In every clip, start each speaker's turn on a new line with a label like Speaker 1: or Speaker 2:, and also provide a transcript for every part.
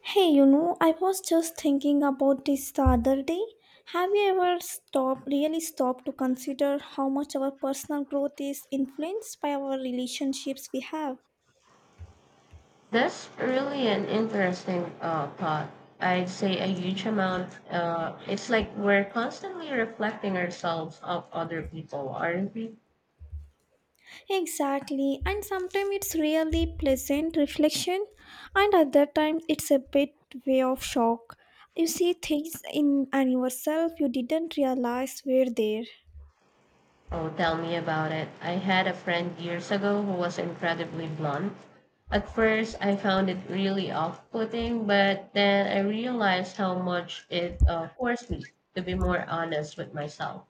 Speaker 1: Hey, you know, I was just thinking about this the other day. Have you ever stopped, really stopped to consider how much our personal growth is influenced by our relationships we have?
Speaker 2: That's really an interesting thought. I'd say a huge amount. It's like we're constantly reflecting ourselves of other people, aren't we?
Speaker 1: Exactly, and sometimes it's really pleasant reflection, and other times it's a bit way of shock. You see things in and yourself you didn't realize were there.
Speaker 2: Oh, tell me about it. I had a friend years ago who was incredibly blunt. At first, I found it really off putting, but then I realized how much it forced me to be more honest with myself.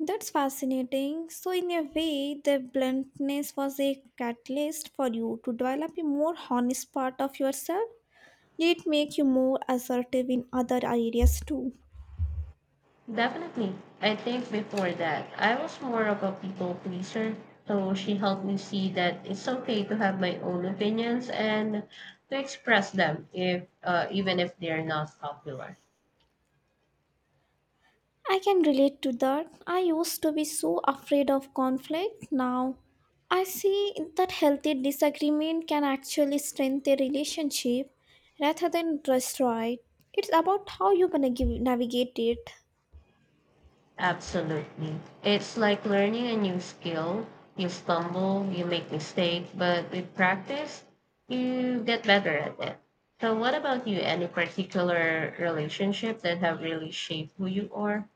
Speaker 1: That's fascinating. So, in a way, the bluntness was a catalyst for you to develop a more honest part of yourself. Did it make you more assertive in other areas too?
Speaker 2: Definitely. I think before that, I was more of a people pleaser. So she helped me see that it's okay to have my own opinions and to express them if even if they're not popular.
Speaker 1: I can relate to that. I used to be so afraid of conflict. Now, I see that healthy disagreement can actually strengthen a relationship rather than destroy it. It's about how you gonna give, navigate it.
Speaker 2: Absolutely. It's like learning a new skill. You stumble, you make mistakes, but with practice, you get better at it. So what about you? Any particular relationship that have really shaped who you are?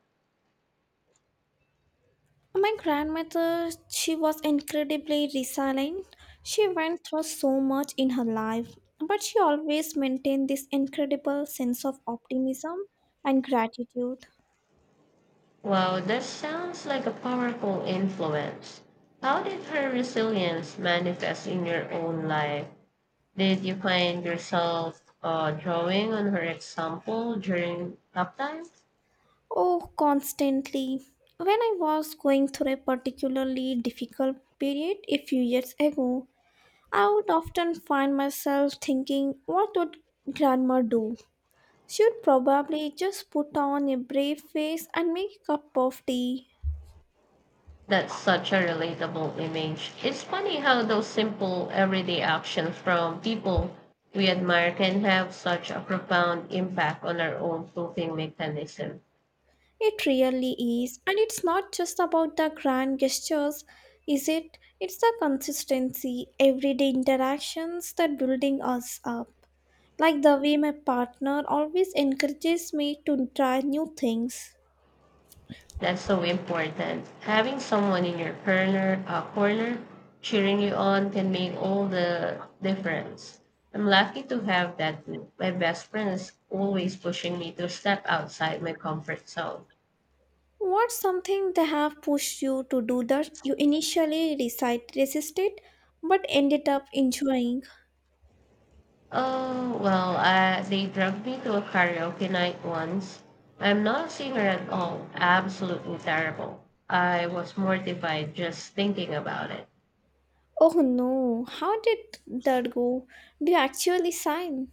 Speaker 1: My grandmother, she was incredibly resilient. She went through so much in her life, but she always maintained this incredible sense of optimism and gratitude.
Speaker 2: Wow, that sounds like a powerful influence. How did her resilience manifest in your own life? Did you find yourself drawing on her example during tough times?
Speaker 1: Oh, constantly. When I was going through a particularly difficult period a few years ago, I would often find myself thinking, what would grandma do? She would probably just put on a brave face and make a cup of tea.
Speaker 2: That's such a relatable image. It's funny how those simple everyday actions from people we admire can have such a profound impact on our own coping mechanism.
Speaker 1: It really is, and it's not just about the grand gestures, is it? It's the consistency, everyday interactions that building us up. Like the way my partner always encourages me to try new things.
Speaker 2: That's so important. Having someone in your corner cheering you on can make all the difference. I'm lucky to have that too. My best friend is always pushing me to step outside my comfort zone.
Speaker 1: What's something they have pushed you to do that you initially resisted but ended up enjoying?
Speaker 2: Oh, well, they dragged me to a karaoke night once. I'm not a singer at all, absolutely terrible. I was mortified just thinking about it.
Speaker 1: Oh no, how did that go? Do you actually sign?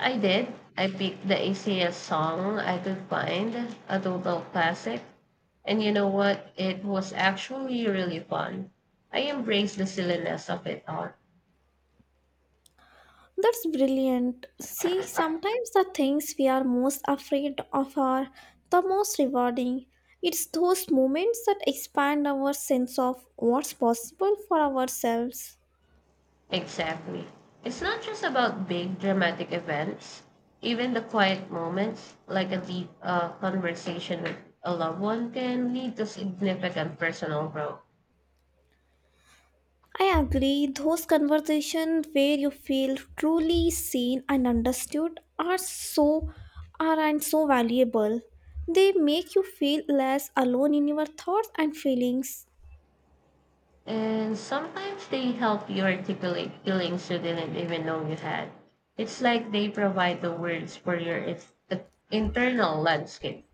Speaker 2: I did. I picked the easiest song I could find, a total classic. And you know what? It was actually really fun. I embraced the silliness of it all.
Speaker 1: That's brilliant. See, sometimes the things we are most afraid of are the most rewarding. It's those moments that expand our sense of what's possible for ourselves.
Speaker 2: Exactly. It's not just about big dramatic events. Even the quiet moments, like a deep conversation with a loved one, can lead to significant personal growth.
Speaker 1: I agree, those conversations where you feel truly seen and understood are so are and so valuable. They make you feel less alone in your thoughts and feelings.
Speaker 2: And sometimes they help you articulate feelings you didn't even know you had. It's like they provide the words for your internal landscape.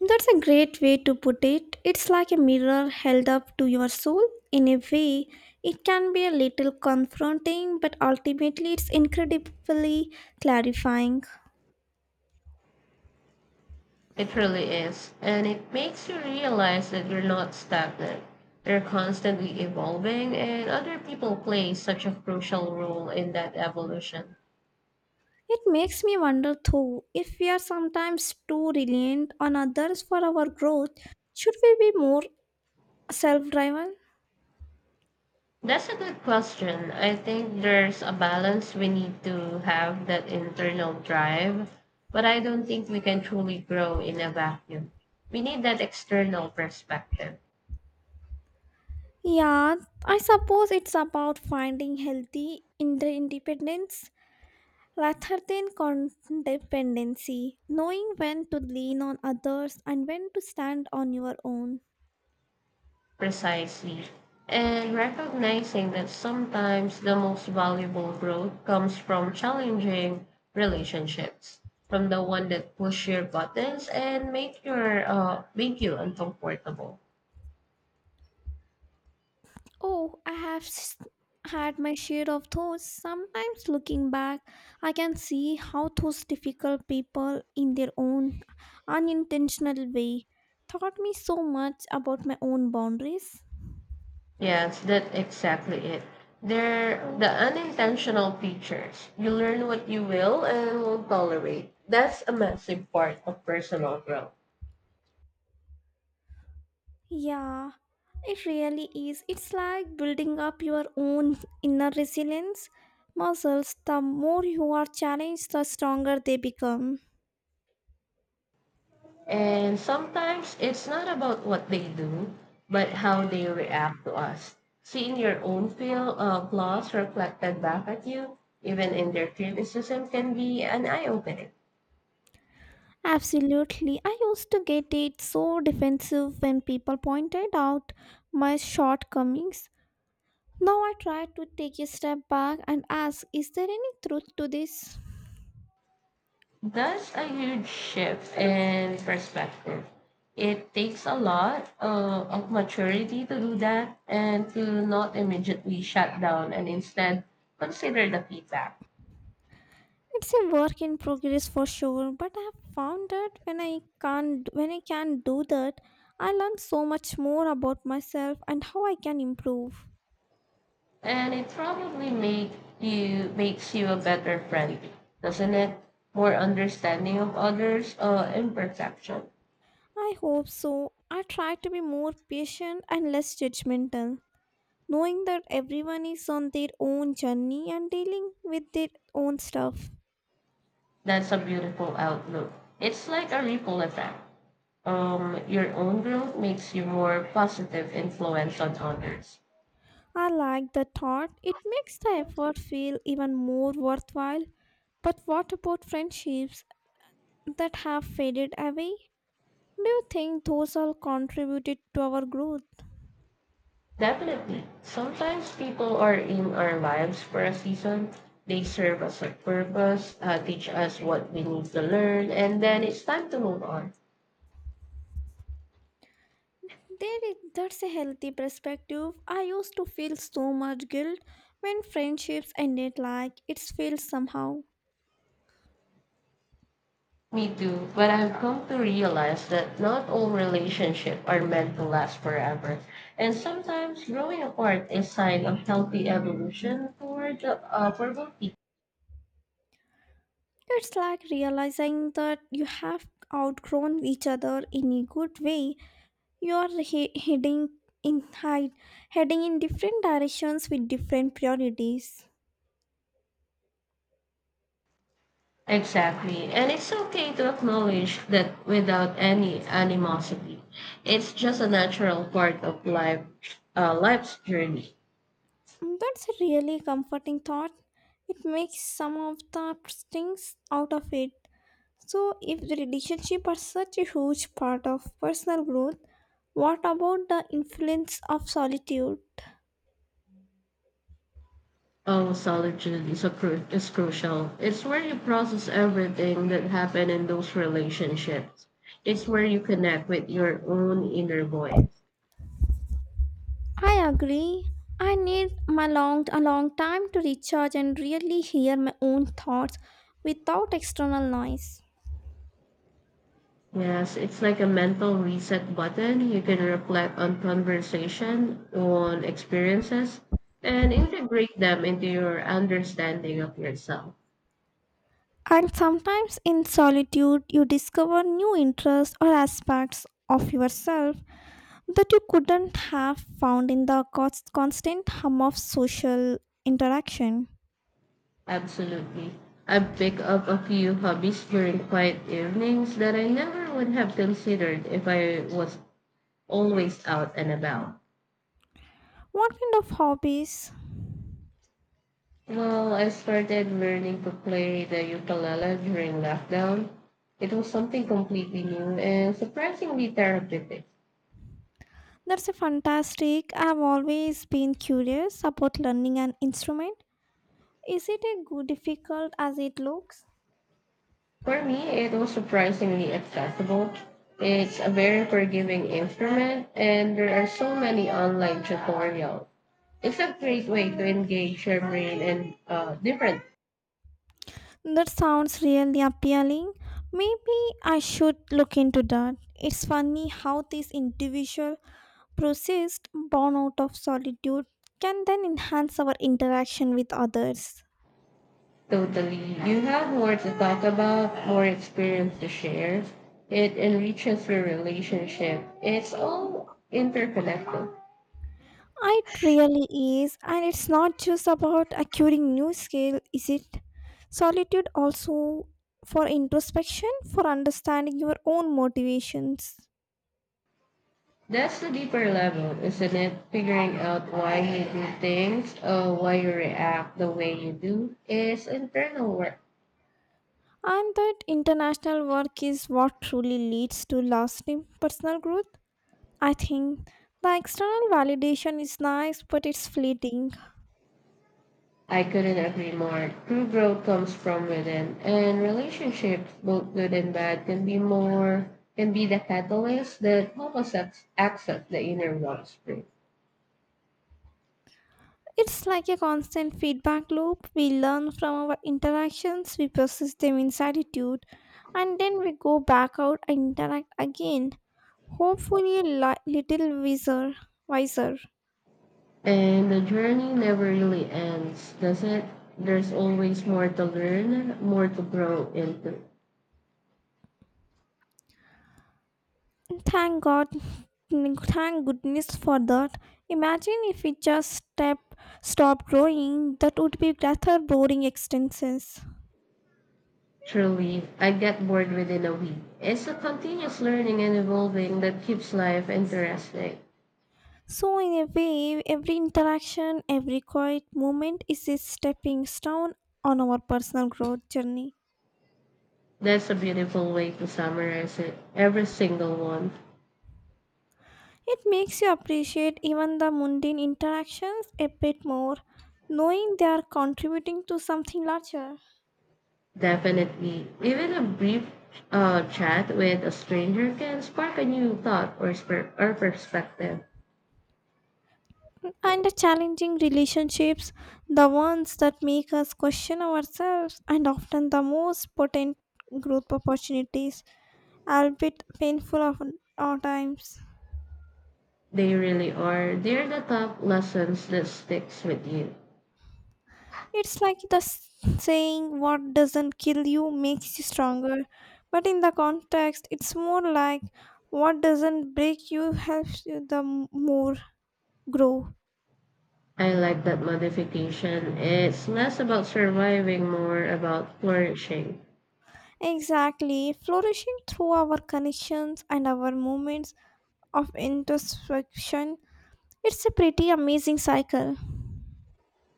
Speaker 1: That's a great way to put it. It's like a mirror held up to your soul. In a way, it can be a little confronting, but ultimately, it's incredibly clarifying.
Speaker 2: It really is. And it makes you realize that you're not stagnant. You're constantly evolving, and other people play such a crucial role in that evolution.
Speaker 1: It makes me wonder, though, if we are sometimes too reliant on others for our growth, should we be more self driven?
Speaker 2: That's a good question. I think there's a balance we need to have that internal drive, but I don't think we can truly grow in a vacuum. We need that external perspective,
Speaker 1: Yeah, I suppose it's about finding healthy independence rather than codependency, knowing when to lean on others and when to stand on your own.
Speaker 2: precisely, and recognizing that sometimes the most valuable growth comes from challenging relationships, from the one that push your buttons and make you uncomfortable.
Speaker 1: Oh, had my share of those. Sometimes looking back, I can see how those difficult people, in their own unintentional way, taught me so much about my own boundaries.
Speaker 2: Yes, that's exactly it. They're the unintentional features. You learn what you will and won't tolerate. That's a massive part of personal growth.
Speaker 1: Yeah, it really is. It's like building up your own inner resilience muscles. The more you are challenged, the stronger they become.
Speaker 2: And sometimes it's not about what they do, but how they react to us. Seeing your own feel of loss reflected back at you, even in their criticism, can be an eye opening.
Speaker 1: Absolutely. I used to get it so defensive when people pointed out my shortcomings. Now I try to take a step back and ask, is there any truth to this?
Speaker 2: That's a huge shift in perspective. It takes a lot of maturity to do that and to not immediately shut down and instead consider the feedback.
Speaker 1: It's a work in progress for sure, but I have found that when I can't when I can do that, I learn so much more about myself and how I can improve.
Speaker 2: And it probably makes you a better friend, doesn't it? More understanding of others' imperfection.
Speaker 1: I hope so. I try to be more patient and less judgmental, knowing that everyone is on their own journey and dealing with their own stuff.
Speaker 2: That's a beautiful outlook. It's like a ripple effect. Your own growth makes you more positive influence on others.
Speaker 1: I like the thought. It makes the effort feel even more worthwhile. But what about friendships that have faded away? Do you think those all contributed to our growth?
Speaker 2: Definitely. Sometimes people are in our lives for a season. They serve us a purpose, teach us what we need to learn, and then it's time to move on.
Speaker 1: There is, that's a healthy perspective. I used to feel so much guilt when friendships ended like it's failed somehow.
Speaker 2: Me too. But I've come to realize that not all relationships are meant to last forever. And sometimes growing apart is sign of healthy evolution toward for both people.
Speaker 1: It's like realizing that you have outgrown each other in a good way. You are in hide, heading in different directions with different priorities.
Speaker 2: Exactly. And it's okay to acknowledge that without any animosity. It's just a natural part of life, life's journey.
Speaker 1: That's a really comforting thought. It makes some of the things out of it. So, if the relationship are such a huge part of personal growth, what about the influence of solitude?
Speaker 2: Oh, solitude is crucial. It's where you process everything that happened in those relationships. It's where you connect with your own inner voice.
Speaker 1: I agree. I need my long a long time to recharge and really hear my own thoughts without external noise.
Speaker 2: Yes, it's like a mental reset button. You can reflect on conversation, on experiences, and integrate them into your understanding of yourself.
Speaker 1: And sometimes in solitude you discover new interests or aspects of yourself that you couldn't have found in the constant hum of social interaction.
Speaker 2: Absolutely. I've picked up a few hobbies during quiet evenings that I never would have considered if I was always out and about.
Speaker 1: What kind of hobbies?
Speaker 2: Well, I started learning to play the ukulele during lockdown. It was something completely new and surprisingly therapeutic.
Speaker 1: That's a fantastic. I've always been curious about learning an instrument. Is it as good difficult as it looks?
Speaker 2: For me, it was surprisingly accessible. It's a very forgiving instrument, and there are so many online tutorials. It's a great way to engage your brain and different.
Speaker 1: That sounds really appealing. Maybe I should look into that. It's funny how this individual process, born out of solitude can then enhance our interaction with others.
Speaker 2: Totally. You have more to talk about, more experience to share. It enriches your relationship. It's all interconnected.
Speaker 1: It really is, and it's not just about acquiring new skill, is it? Solitude also for introspection, for understanding your own motivations.
Speaker 2: That's the deeper level, isn't it? Figuring out why you do things, why you react the way you do, is internal work.
Speaker 1: And that international work is what truly leads to lasting personal growth. I think the external validation is nice, but it's fleeting.
Speaker 2: I couldn't agree more. True growth comes from within, and relationships, both good and bad, can be the catalyst that help us access the inner wellspring.
Speaker 1: It's like a constant feedback loop. We learn from our interactions, we process them in attitude, and then we go back out and interact again. Hopefully, a little wiser.
Speaker 2: And the journey never really ends, does it? There's always more to learn, more to grow into.
Speaker 1: And Thank God, Thank goodness for that. Imagine if we stop growing. That would be rather boring existences.
Speaker 2: Truly, I get bored within a week. It's a continuous learning and evolving that keeps life interesting.
Speaker 1: So, in a way, every interaction, every quiet moment is a stepping stone on our personal growth journey.
Speaker 2: That's a beautiful way to summarize it. Every single one.
Speaker 1: It makes you appreciate even the mundane interactions a bit more, knowing they are contributing to something larger.
Speaker 2: Definitely. Even a brief chat with a stranger can spark a new thought or perspective.
Speaker 1: And the challenging relationships, the ones that make us question ourselves, and often the most potent growth opportunities, albeit at times.
Speaker 2: They really are. They're the top lessons that sticks with you.
Speaker 1: It's like the saying, what doesn't kill you makes you stronger. But in the context, it's more like, what doesn't break you helps you the m- more grow.
Speaker 2: I like that modification. It's less about surviving, more about flourishing.
Speaker 1: Exactly. Flourishing through our connections and our moments of introspection. It's a pretty amazing cycle.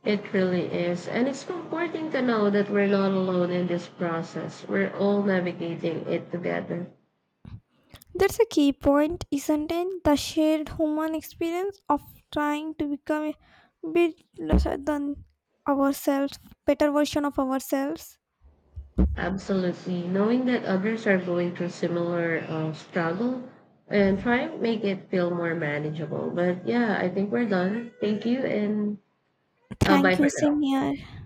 Speaker 2: It really is. And it's comforting to know that we're not alone in this process. We're all navigating it together.
Speaker 1: That's a key point, isn't it? The shared human experience of trying to become a bit lesser than ourselves, better version of ourselves.
Speaker 2: Absolutely. Knowing that others are going through similar struggle and trying to make it feel more manageable. But yeah, I think we're done. Thank you and bye
Speaker 1: Thank
Speaker 2: for
Speaker 1: you, same
Speaker 2: now.
Speaker 1: here.